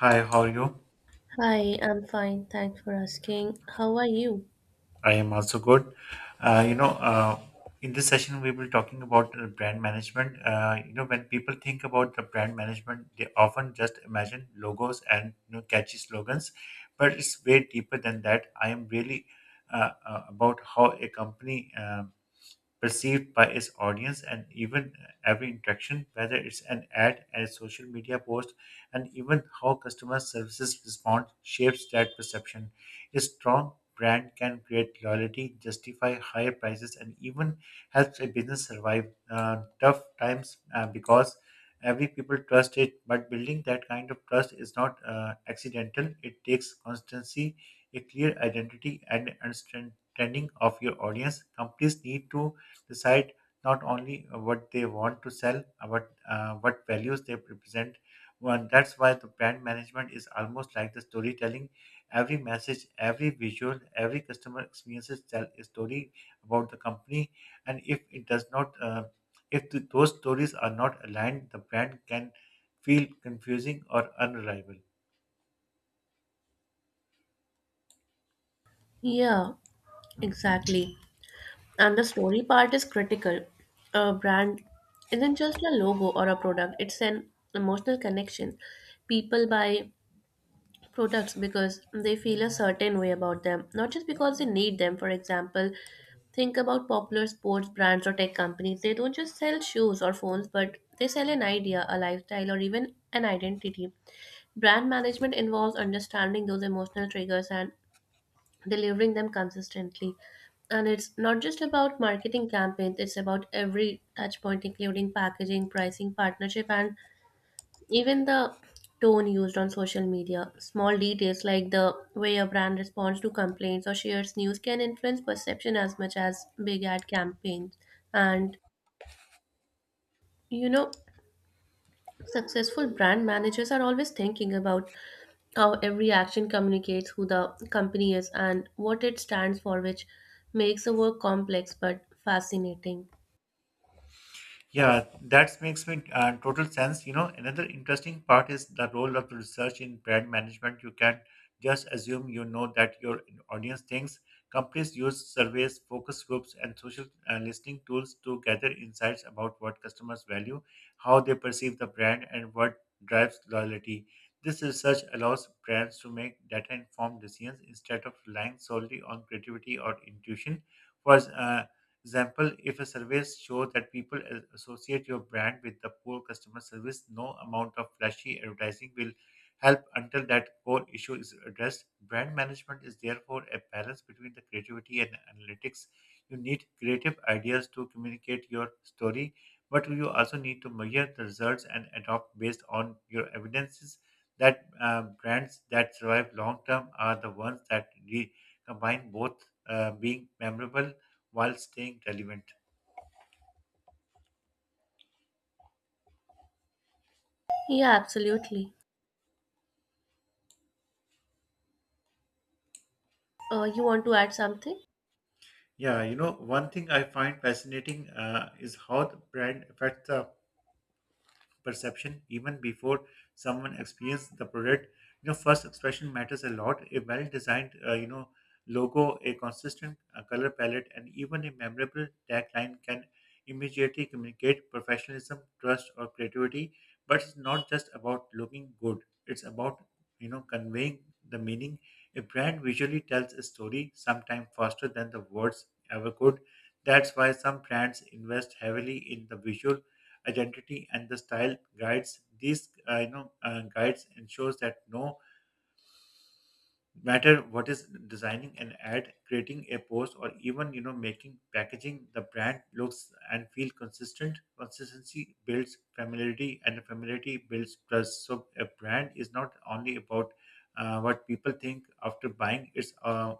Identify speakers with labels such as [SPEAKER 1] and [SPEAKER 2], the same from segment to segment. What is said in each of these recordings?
[SPEAKER 1] Hi, how are you?
[SPEAKER 2] Hi, I'm fine. Thanks for asking. How are you?
[SPEAKER 1] I am also good. Uh, you know, uh, in this session, we will be talking about brand management. When people think about the brand management, they often just imagine logos and catchy slogans, but it's way deeper than that. I am really about how a company. Perceived by its audience and even every interaction, whether it's an ad, a social media post, and even how customer services respond, shapes that perception. A strong brand can create loyalty, justify higher prices, and even helps a business survive tough times because every people trust it. But building that kind of trust is not accidental. It takes constancy, a clear identity, and understanding of your audience. Companies need to decide not only what they want to sell, but what values they represent. One, that's why the brand management is almost like the storytelling. Every message, every visual, every customer experiences tell a story about the company. And if it does not, if th- those stories are not aligned, the brand can feel confusing or unreliable.
[SPEAKER 2] Yeah, exactly. And the story part is critical. A brand isn't just a logo or a product, it's an emotional connection. People buy products because they feel a certain way about them, not just because they need them. For example, think about popular sports brands or tech companies. They don't just sell shoes or phones, but they sell an idea, a lifestyle, or even an identity. Brand management involves understanding those emotional triggers and delivering them consistently. And it's not just about marketing campaigns, it's about every touch point, including packaging, pricing, partnership, and even the tone used on social media. Small details like the way a brand responds to complaints or shares news can influence perception as much as big ad campaigns. And you know, successful brand managers are always thinking about how every action communicates who the company is and what it stands for, which makes the work complex but fascinating.
[SPEAKER 1] Yeah, that makes me total sense. You know, another interesting part is the role of research in brand management. You can't just assume you know that your audience thinks. Companies use surveys, focus groups, and social listening tools to gather insights about what customers value, how they perceive the brand, and what drives loyalty. This research allows brands to make data informed decisions instead of relying solely on creativity or intuition. For example, if a survey shows that people associate your brand with the poor customer service, no amount of flashy advertising will help until that core issue is addressed. Brand management is therefore a balance between the creativity and analytics. You need creative ideas to communicate your story, but you also need to measure the results and adopt based on your evidences that brands that survive long term are the ones that combine both being memorable while staying relevant.
[SPEAKER 2] Yeah, absolutely. You want to add something?
[SPEAKER 1] Yeah, you know, one thing I find fascinating is how the brand affects the perception even before someone experiences the product. You know, first expression matters a lot. A well-designed, logo, a consistent color palette, and even a memorable tagline can immediately communicate professionalism, trust, or creativity. But it's not just about looking good. It's about conveying the meaning. A brand visually tells a story, sometimes faster than the words ever could. That's why some brands invest heavily in the visual identity and the style guides. These guides ensures that no matter what is designing an ad, creating a post, or even making packaging, the brand looks and feel consistent. Consistency builds familiarity, and familiarity builds trust. So a brand is not only about what people think after buying; it's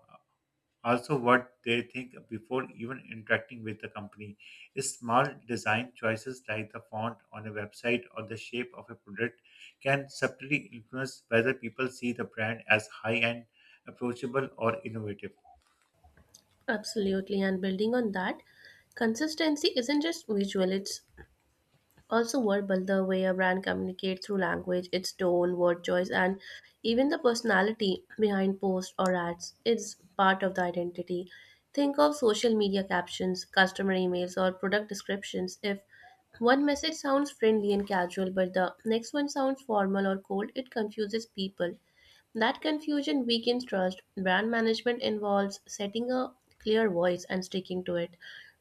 [SPEAKER 1] also what they think before even interacting with the company. Small design choices like the font on a website or the shape of a product can subtly influence whether people see the brand as high end, approachable, or innovative.
[SPEAKER 2] Absolutely. And building on that, consistency isn't just visual, it's also verbal. The way a brand communicates through language, its tone, word choice, and even the personality behind posts or ads is part of the identity. Think of social media captions, customer emails, or product descriptions. If one message sounds friendly and casual, but the next one sounds formal or cold, it confuses people. That confusion weakens trust. Brand management involves setting a clear voice and sticking to it.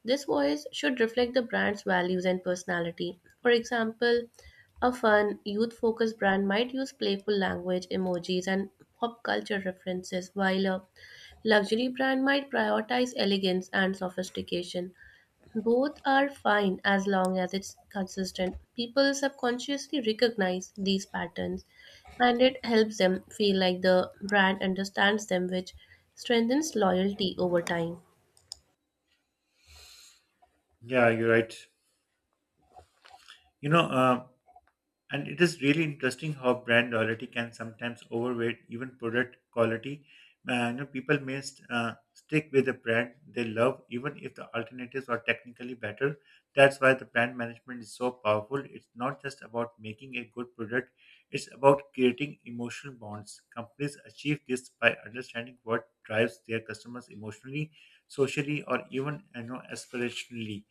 [SPEAKER 2] This voice should reflect the brand's values and personality. For example, a fun, youth focused brand might use playful language, emojis, and pop culture references, while a luxury brand might prioritize elegance and sophistication. Both are fine as long as it's consistent. People subconsciously recognize these patterns and it helps them feel like the brand understands them, which strengthens loyalty over time.
[SPEAKER 1] Yeah, you're right. You know, uh, And it is really interesting how brand loyalty can sometimes overweight even product quality. People may stick with the brand they love even if the alternatives are technically better. That's why the brand management is so powerful. It's not just about making a good product; it's about creating emotional bonds. Companies achieve this by understanding what drives their customers emotionally, socially, or even aspirationally.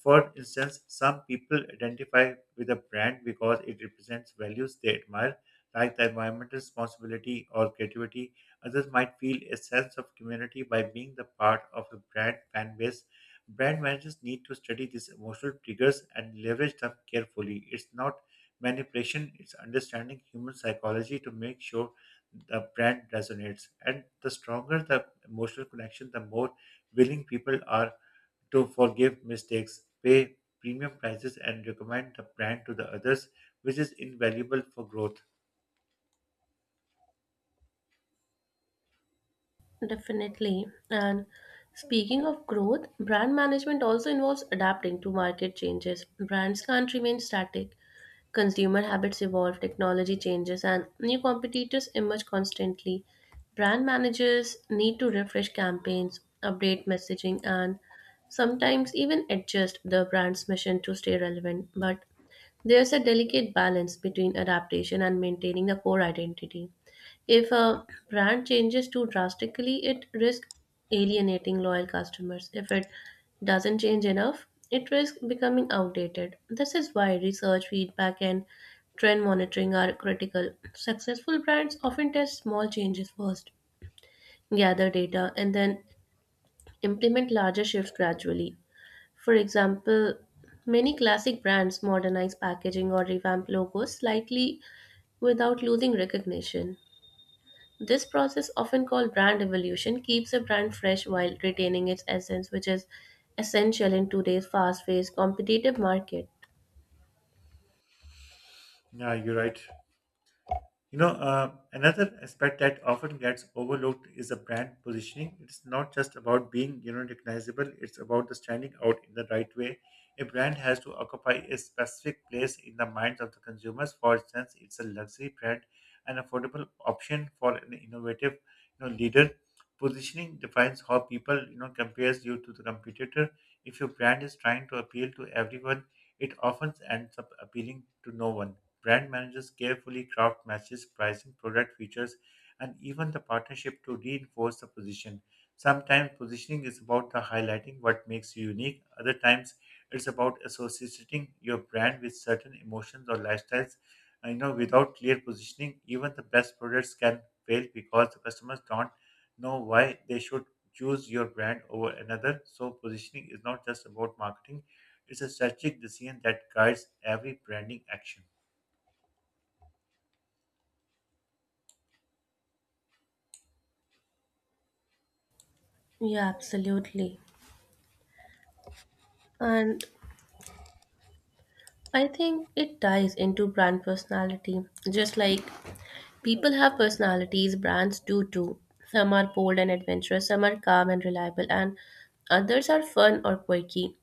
[SPEAKER 1] For instance, some people identify with a brand because it represents values they admire, like the environmental responsibility or creativity. Others might feel a sense of community by being the part of a brand fan base. Brand managers need to study these emotional triggers and leverage them carefully. It's not manipulation, it's understanding human psychology to make sure the brand resonates. And the stronger the emotional connection, the more willing people are to forgive mistakes, pay premium prices, and recommend the brand to the others, which is invaluable for growth.
[SPEAKER 2] Definitely. And speaking of growth, brand management also involves adapting to market changes. Brands can't remain static. Consumer habits evolve, technology changes, and new competitors emerge constantly. Brand managers need to refresh campaigns, update messaging, and sometimes even adjust the brand's mission to stay relevant. But there's a delicate balance between adaptation and maintaining the core identity. If a brand changes too drastically, it risks alienating loyal customers. If it doesn't change enough, it risks becoming outdated. This is why research, feedback, and trend monitoring are critical. Successful brands often test small changes first, gather data, and then implement larger shifts gradually. For example, many classic brands modernize packaging or revamp logos slightly without losing recognition. This process, often called brand evolution, keeps a brand fresh while retaining its essence, which is essential in today's fast paced competitive market.
[SPEAKER 1] Yeah, you're right. Another aspect that often gets overlooked is the brand positioning. It's not just about being, you know, recognizable. It's about the standing out in the right way. A brand has to occupy a specific place in the minds of the consumers. For instance, it's a luxury brand, an affordable option for an innovative, you know, leader. Positioning defines how people, you know, compares you to the competitor. If your brand is trying to appeal to everyone, it often ends up appealing to no one. Brand managers carefully craft matches, pricing, product features, and even the partnership to reinforce the position. Sometimes positioning is about the highlighting what makes you unique. Other times it's about associating your brand with certain emotions or lifestyles. And, you know, without clear positioning, even the best products can fail because the customers don't know why they should choose your brand over another. So positioning is not just about marketing; it's a strategic decision that guides every branding action.
[SPEAKER 2] Yeah, absolutely. And I think it ties into brand personality. Just like people have personalities, brands do too. Some are bold and adventurous, some are calm and reliable, and others are fun or quirky.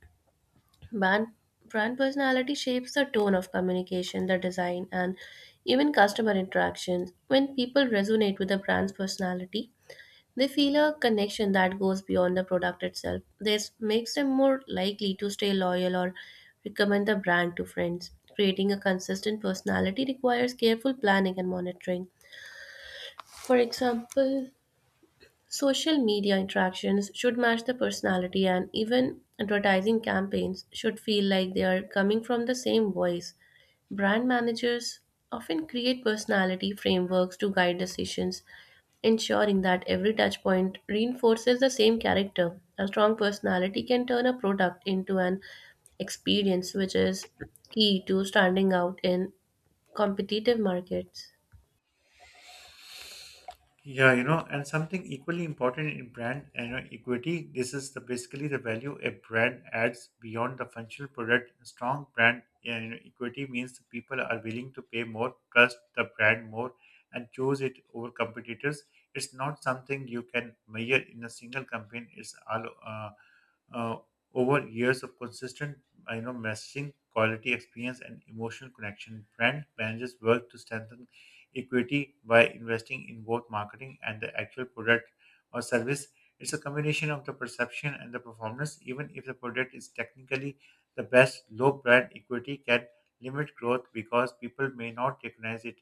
[SPEAKER 2] Brand, brand personality shapes the tone of communication, the design, and even customer interactions. When people resonate with a brand's personality, they feel a connection that goes beyond the product itself. This makes them more likely to stay loyal or recommend the brand to friends. Creating a consistent personality requires careful planning and monitoring. For example, social media interactions should match the personality, and even advertising campaigns should feel like they are coming from the same voice. Brand managers often create personality frameworks to guide decisions, ensuring that every touchpoint reinforces the same character. A strong personality can turn a product into an experience, which is key to standing out in competitive markets.
[SPEAKER 1] Yeah, you know, and something equally important in brand you know, equity, this is the basically the value a brand adds beyond the functional product. A strong brand yeah, you know, equity means the people are willing to pay more, trust the brand more, and choose it over competitors. It's not something you can measure in a single campaign. It's all uh, over years of consistent, you know, messaging, quality experience, and emotional connection. Brand managers work to strengthen equity by investing in both marketing and the actual product or service. It's a combination of the perception and the performance. Even if the product is technically the best, low brand equity can limit growth because people may not recognize it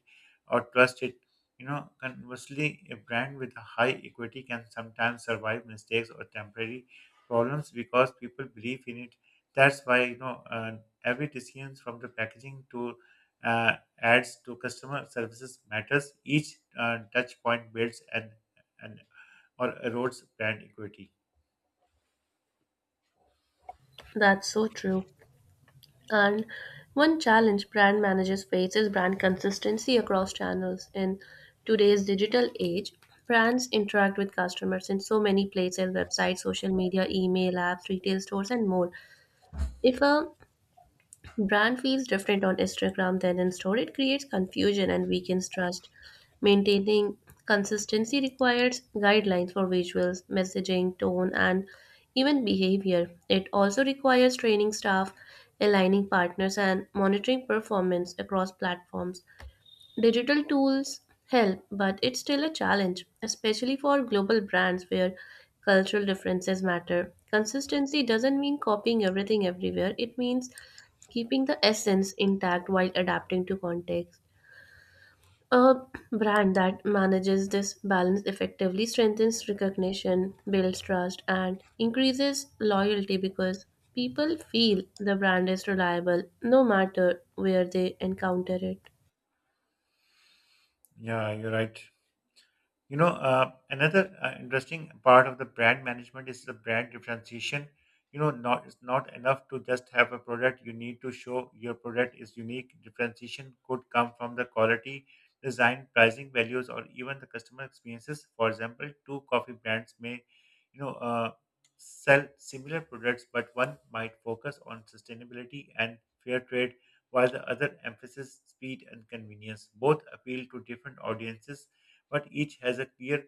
[SPEAKER 1] or trust it. You know, conversely, a brand with a high equity can sometimes survive mistakes or temporary problems because people believe in it. That's why every decision from the packaging to uh, ads to customer services matters. Each touch point builds and or erodes brand equity.
[SPEAKER 2] That's so true. And one challenge brand managers face is brand consistency across channels. In today's digital age, brands interact with customers in so many places: websites, social media, email apps, retail stores, and more. If a brand feels different on Instagram than in store, it creates confusion and weakens trust. Maintaining consistency requires guidelines for visuals, messaging, tone, and even behavior. It also requires training staff, aligning partners, and monitoring performance across platforms. Digital tools help, but it's still a challenge, especially for global brands where cultural differences matter. Consistency doesn't mean copying everything everywhere, it means keeping the essence intact while adapting to context. A brand that manages this balance effectively strengthens recognition, builds trust, and increases loyalty because people feel the brand is reliable no matter where they encounter it.
[SPEAKER 1] Yeah, you're right. Another interesting part of the brand management is the brand differentiation. You know, not It's not enough to just have a product. You need to show your product is unique. Differentiation could come from the quality, design, pricing, values, or even the customer experiences. For example, two coffee brands may, you know, uh, sell similar products, but one might focus on sustainability and fair trade, while the other emphasizes speed and convenience. Both appeal to different audiences but each has a clear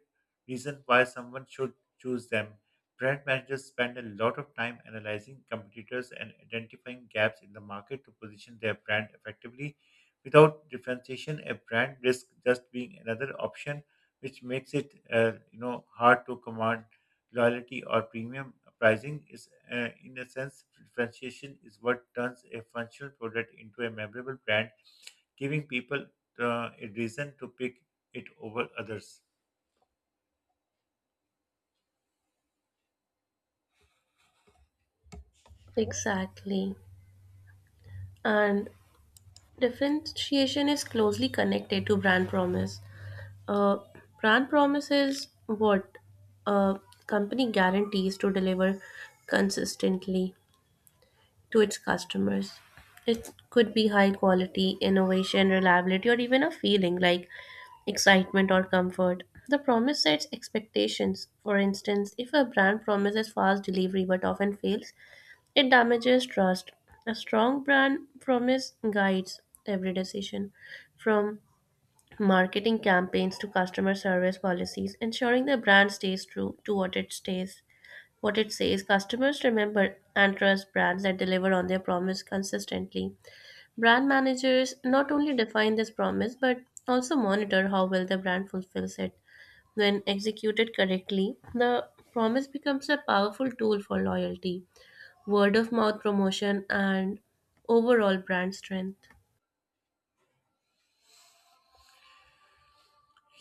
[SPEAKER 1] reason why someone should choose them. Brand managers spend a lot of time analyzing competitors and identifying gaps in the market to position their brand effectively. Without differentiation, a brand risks just being another option, which makes it hard to command loyalty or premium pricing. Is in a sense, differentiation is what turns a functional product into a memorable brand giving people a reason to pick it over others.
[SPEAKER 2] Exactly. And differentiation is closely connected to brand promise. Uh, Brand promise is what a company guarantees to deliver consistently to its customers. It could be high quality, innovation, reliability, or even a feeling like excitement or comfort. The promise sets expectations. For instance, if a brand promises fast delivery but often fails, it damages trust. A strong brand promise guides every decision, from marketing campaigns to customer service policies, ensuring the brand stays true to what it stays what it says. Customers remember and trust brands that deliver on their promise consistently. Brand managers not only define this promise but also monitor how well the brand fulfills it. When executed correctly, the promise becomes a powerful tool for loyalty, word of mouth promotion, and overall brand strength.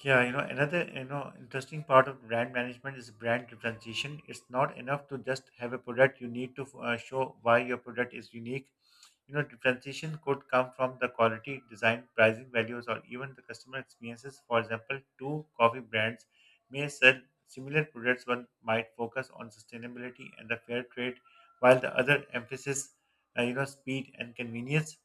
[SPEAKER 1] Yeah, you know, another interesting part of brand management is brand differentiation. It's not enough to just have a product. You need to show why your product is unique. You know, differentiation could come from the quality, design, pricing values, or even the customer experiences. For example, two coffee brands may sell similar products. One might focus on sustainability and the fair trade, while the other emphasis, speed and convenience.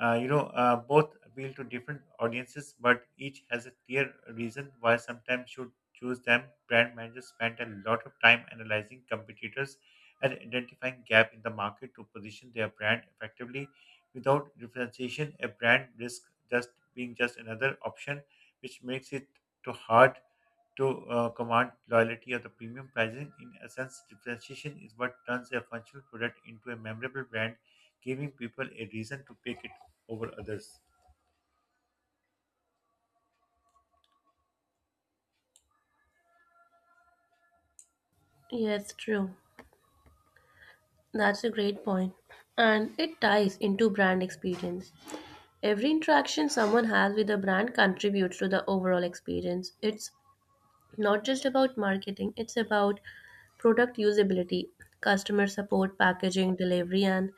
[SPEAKER 1] Both appeal to different audiences, but each has a clear reason why sometimes should choose them. Brand managers spend a lot of time analyzing competitors and identifying gap in the market to position their brand effectively. Without differentiation a brand risks just being just another option, which makes it too hard to command loyalty or the premium pricing. In essence differentiation is what turns a functional product into a memorable brand giving people a reason to pick it over others.
[SPEAKER 2] Yes, true. That's a great point. And it ties into brand experience. Every interaction someone has with a brand contributes to the overall experience. It's not just about marketing, it's about product usability, customer support, packaging, delivery, and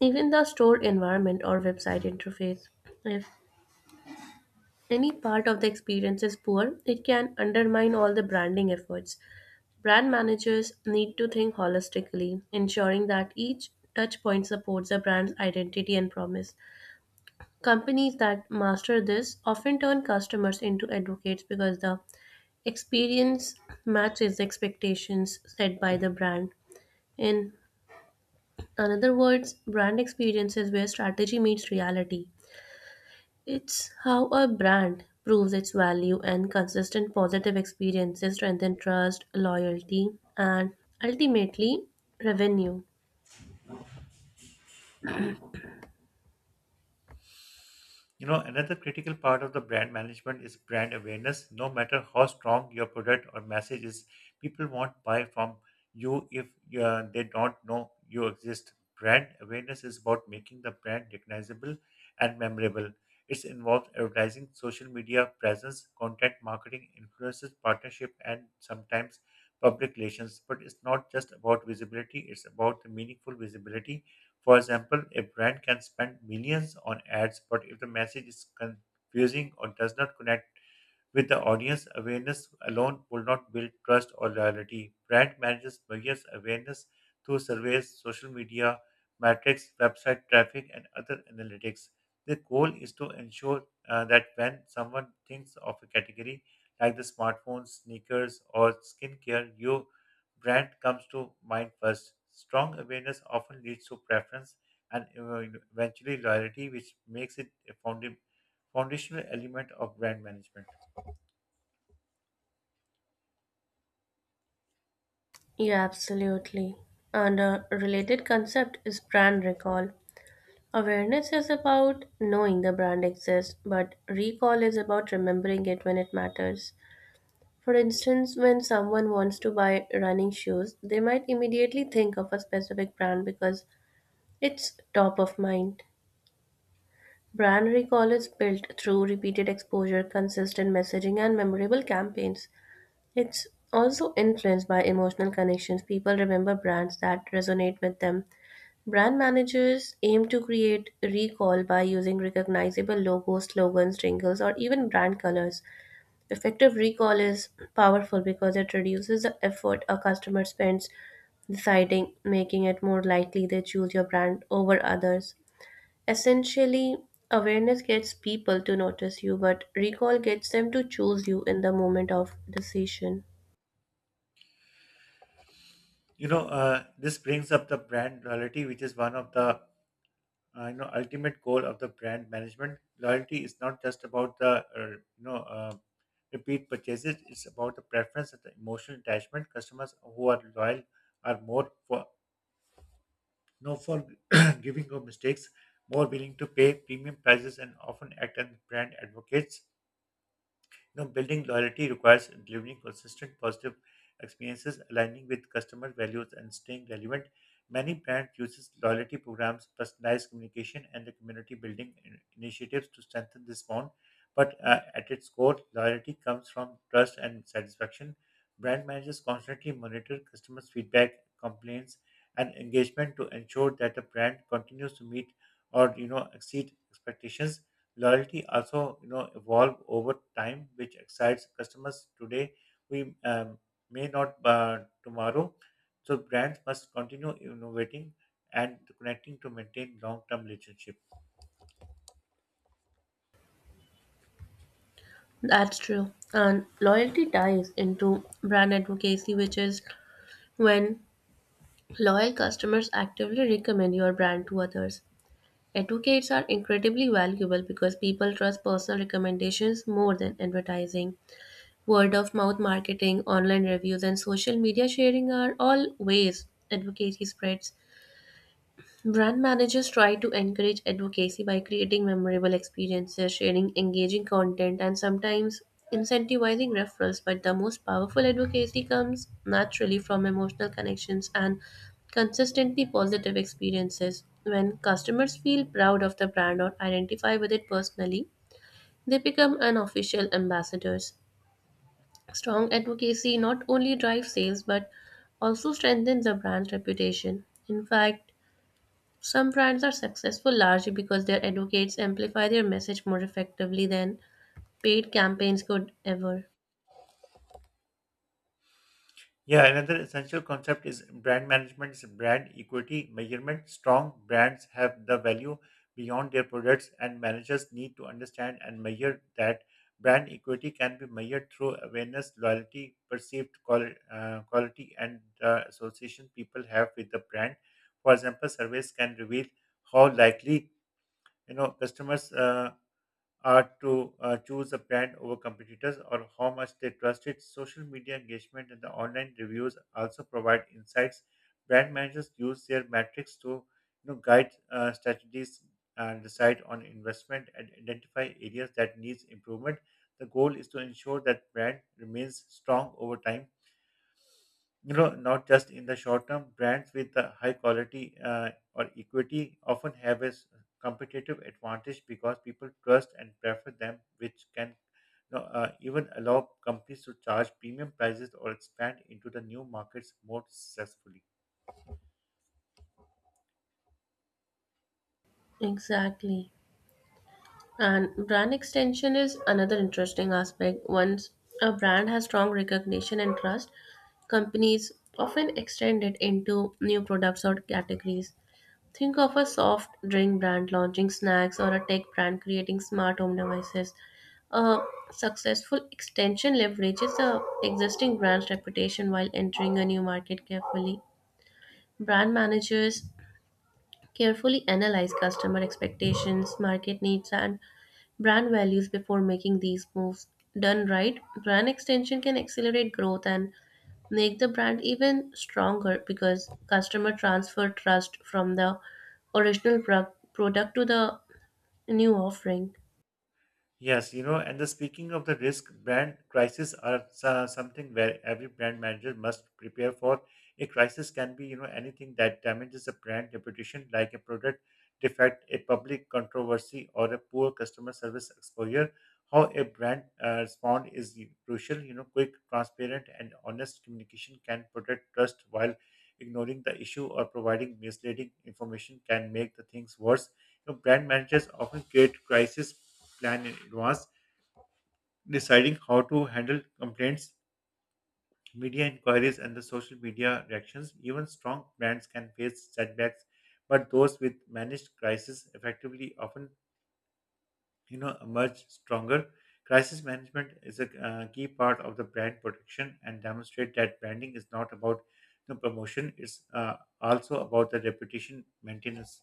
[SPEAKER 2] even the store environment or website interface. If any part of the experience is poor, it can undermine all the branding efforts. Brand managers need to think holistically, ensuring that each touchpoint supports a brand's identity and promise. Companies that master this often turn customers into advocates because the experience matches the expectations set by the brand. In other words, brand experience is where strategy meets reality. It's how a brand proves its value, and consistent positive experiences strengthen trust, loyalty, and ultimately revenue.
[SPEAKER 1] You know, another critical part of the brand management is brand awareness. No matter how strong your product or message is, people won't buy from you if they don't know you exist. Brand awareness is about making the brand recognizable and memorable. It involves advertising, social media presence, content marketing, influences, partnership, and sometimes public relations. But it's not just about visibility, it's about the meaningful visibility. For example, a brand can spend millions on ads, but if the message is confusing or does not connect with the audience, awareness alone will not build trust or loyalty. Brand managers measures awareness through surveys, social media, metrics, website traffic, and other analytics. The goal is to ensure that when someone thinks of a category like the smartphones, sneakers, or skincare, your brand comes to mind first. Strong awareness often leads to preference and eventually loyalty, which makes it a founding foundational element of brand management.
[SPEAKER 2] Yeah, absolutely. And a related concept is brand recall. Awareness is about knowing the brand exists, but recall is about remembering it when it matters. For instance, when someone wants to buy running shoes, they might immediately think of a specific brand because it's top of mind. Brand recall is built through repeated exposure, consistent messaging, and memorable campaigns. It's also influenced by emotional connections. People remember brands that resonate with them. Brand managers aim to create recall by using recognizable logos, slogans, jingles, or even brand colors. Effective recall is powerful because it reduces the effort a customer spends deciding, making it more likely they choose your brand over others. Essentially, awareness gets people to notice you, but recall gets them to choose you in the moment of decision.
[SPEAKER 1] This brings up the brand loyalty, which is one of the ultimate goal of the brand management. Loyalty is not just about the you know uh, repeat purchases. It's about the preference and the emotional attachment. Customers who are loyal are more for no for giving of mistakes, more willing to pay premium prices and often act as brand advocates. You know, building loyalty requires delivering consistent positive experiences, aligning with customer values, and staying relevant. Many brands uses loyalty programs, personalized communication, and the community building initiatives to strengthen this bond. But at its core, loyalty comes from trust and satisfaction. Brand managers constantly monitor customers' feedback, complaints, and engagement to ensure that the brand continues to meet or, you know, exceed expectations. Loyalty also, you know, evolve over time, which excites customers today. We may not tomorrow. So brands must continue innovating and connecting to maintain long-term relationship.
[SPEAKER 2] That's true. And loyalty ties into brand advocacy, which is when loyal customers actively recommend your brand to others. Advocates are incredibly valuable because people trust personal recommendations more than advertising. Word of mouth marketing, online reviews, and social media sharing are all ways advocacy spreads. Brand managers try to encourage advocacy by creating memorable experiences, sharing engaging content, and sometimes incentivizing referrals. But the most powerful advocacy comes naturally from emotional connections and consistently positive experiences. When customers feel proud of the brand or identify with it personally, they become unofficial ambassadors. Strong advocacy not only drives sales but also strengthens the brand's reputation. In fact, some brands are successful largely because their advocates amplify their message more effectively than paid campaigns could ever.
[SPEAKER 1] Yeah, another essential concept is brand management is brand equity measurement. Strong brands have the value beyond their products, and managers need to understand and measure that. Brand equity can be measured through awareness, loyalty, quality, and the association people have with the brand. For example, surveys can reveal how likely, customers to choose a brand over competitors, or how much they trust it. Social media engagement and the online reviews also provide insights. Brand managers use their metrics to, you know, guide strategies and decide on investment and identify areas that needs improvement. The goal is to ensure that brand remains strong over time, you know, not just in the short term. Brands with the high quality or equity often have competitive advantage because people trust and prefer them, which can, you know, even allow companies to charge premium prices or expand into the new markets more successfully.
[SPEAKER 2] Exactly. And brand extension is another interesting aspect. Once a brand has strong recognition and trust, companies often extend it into new products or categories. Think of a soft drink brand launching snacks or a tech brand creating smart home devices. A successful extension leverages the existing brand's reputation while entering a new market carefully. Brand managers carefully analyze customer expectations, market needs, and brand values before making these moves. Done right, brand extension can accelerate growth and make the brand even stronger because customer transfer trust from the original pro- product to the new offering.
[SPEAKER 1] Yes, you know, and the speaking of the risk, brand crises are something where every brand manager must prepare for. A crisis can be, you know, anything that damages a brand reputation, like a product defect, a public controversy, or a poor customer service exposure. How a brand respond is crucial. You know, quick, transparent, and honest communication can protect trust, while ignoring the issue or providing misleading information can make the things worse. You know, brand managers often create crisis plan in advance, deciding how to handle complaints, media inquiries, and the social media reactions. Even strong brands can face setbacks, but those with managed crisis effectively often, you know, emerge stronger. Crisis management is a key part of the brand protection and demonstrate that branding is not about the promotion; it's also about the reputation maintenance.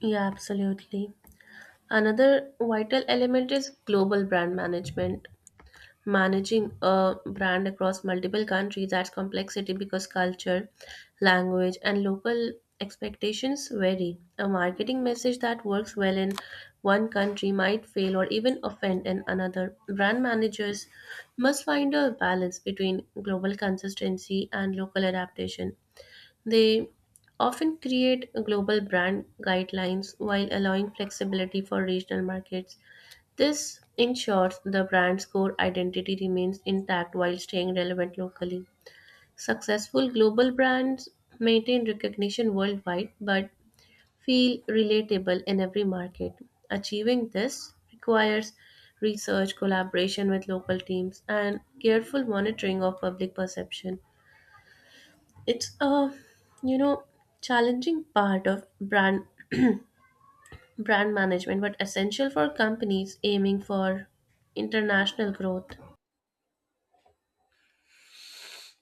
[SPEAKER 2] Yeah, absolutely. Another vital element is global brand management. Managing a brand across multiple countries adds complexity because culture, language, and local expectations vary. A marketing message that works well in one country might fail or even offend in another. Brand managers must find a balance between global consistency and local adaptation. They often create global brand guidelines while allowing flexibility for regional markets. This ensures the brand's core identity remains intact while staying relevant locally. Successful global brands maintain recognition worldwide but feel relatable in every market. Achieving this requires research, collaboration with local teams, and careful monitoring of public perception. It's a, you know, challenging part of brand management but essential for companies aiming for international growth.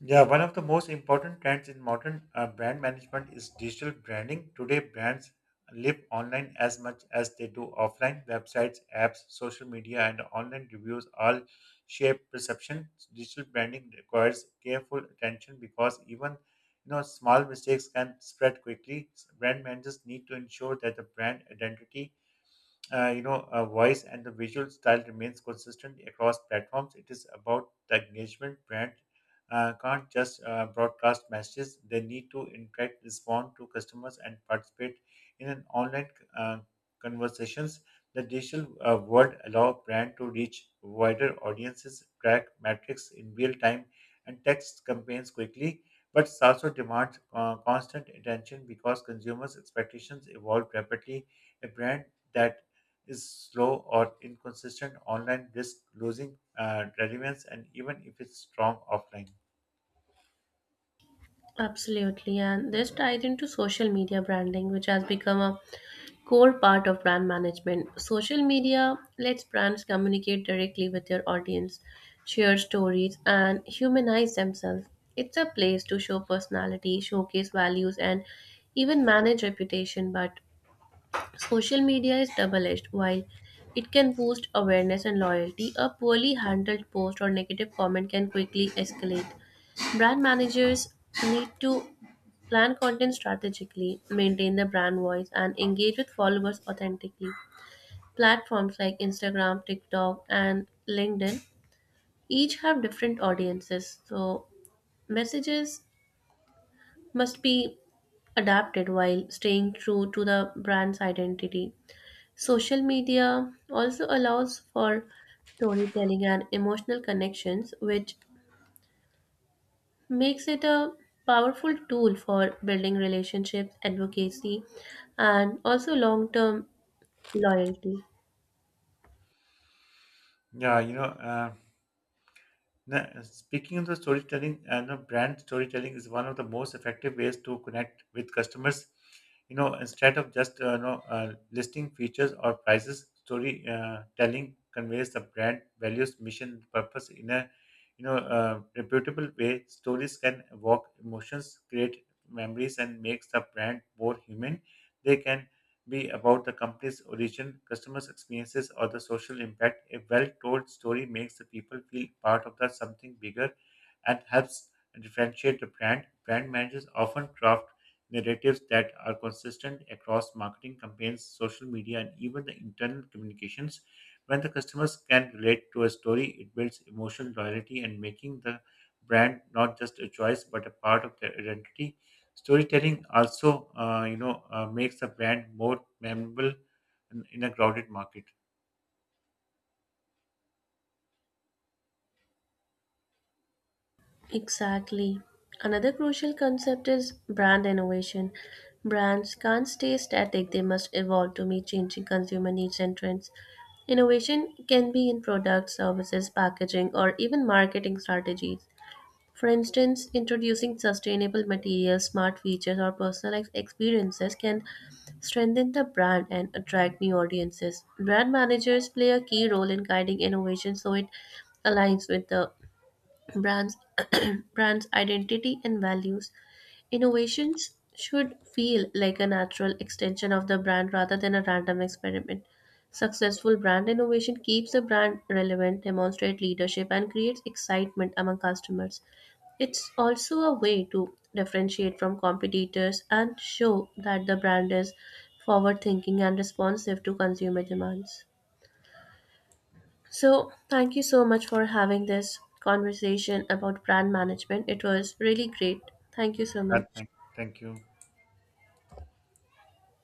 [SPEAKER 1] Yeah, one of the most important trends in modern brand management is digital branding. Today, brands live online as much as they do offline. Websites, apps, social media, and online reviews all shape perception. Digital branding requires careful attention because even, you know, small mistakes can spread quickly. Brand managers need to ensure that the brand identity, voice and the visual style remains consistent across platforms. It is about the engagement. Brand can't just broadcast messages; they need to interact, respond to customers, and participate in an online uh, conversations. The digital world allow brand to reach wider audiences, track metrics in real time, and text campaigns quickly. But it also demands constant attention because consumers' expectations evolve rapidly. A brand that is slow or inconsistent online risk losing relevance, and even if it's strong offline.
[SPEAKER 2] Absolutely, and this ties into social media branding, which has become a core part of brand management. Social media lets brands communicate directly with their audience, share stories, and humanize themselves. It's a place to show personality, showcase values, and even manage reputation. But social media is double edged. While it can boost awareness and loyalty, a poorly handled post or negative comment can quickly escalate. Brand managers need to plan content strategically, maintain the brand voice, and engage with followers authentically. Platforms like Instagram, TikTok, and LinkedIn each have different audiences, so messages must be adapted while staying true to the brand's identity. Social media also allows for storytelling and emotional connections, which makes it a powerful tool for building relationships, advocacy, and also long term loyalty.
[SPEAKER 1] yeah you know uh, Now, speaking of the storytelling, I know brand storytelling is one of the most effective ways to connect with customers. You know, instead of just listing features or prices, storytelling telling conveys the brand values, mission, purpose in a reputable way. Stories can evoke emotions, create memories, and makes the brand more human. They can be about the company's origin, customers' experiences, or the social impact. A well told story makes the people feel part of the something bigger and helps differentiate the brand. Brand managers often craft narratives that are consistent across marketing campaigns, social media, and even the internal communications. When the customers can relate to a story, it builds emotional loyalty and making the brand not just a choice but a part of their identity. Storytelling also, makes a brand more memorable in a crowded market.
[SPEAKER 2] Exactly. Another crucial concept is brand innovation. Brands can't stay static, they must evolve to meet changing consumer needs and trends. Innovation can be in products, services, packaging, or even marketing strategies. For instance, introducing sustainable materials, smart features, or personalized experiences can strengthen the brand and attract new audiences. Brand managers play a key role in guiding innovation so it aligns with the Brands, brands' identity and values. Innovations should feel like a natural extension of the brand rather than a random experiment. Successful brand innovation keeps the brand relevant, demonstrates leadership, and creates excitement among customers. It's also a way to differentiate from competitors and show that the brand is forward thinking and responsive to consumer demands. So, thank you so much for having this conversation about brand management. It was really great. Thank you so
[SPEAKER 1] Uh,
[SPEAKER 2] much.
[SPEAKER 1] thank, Thank you.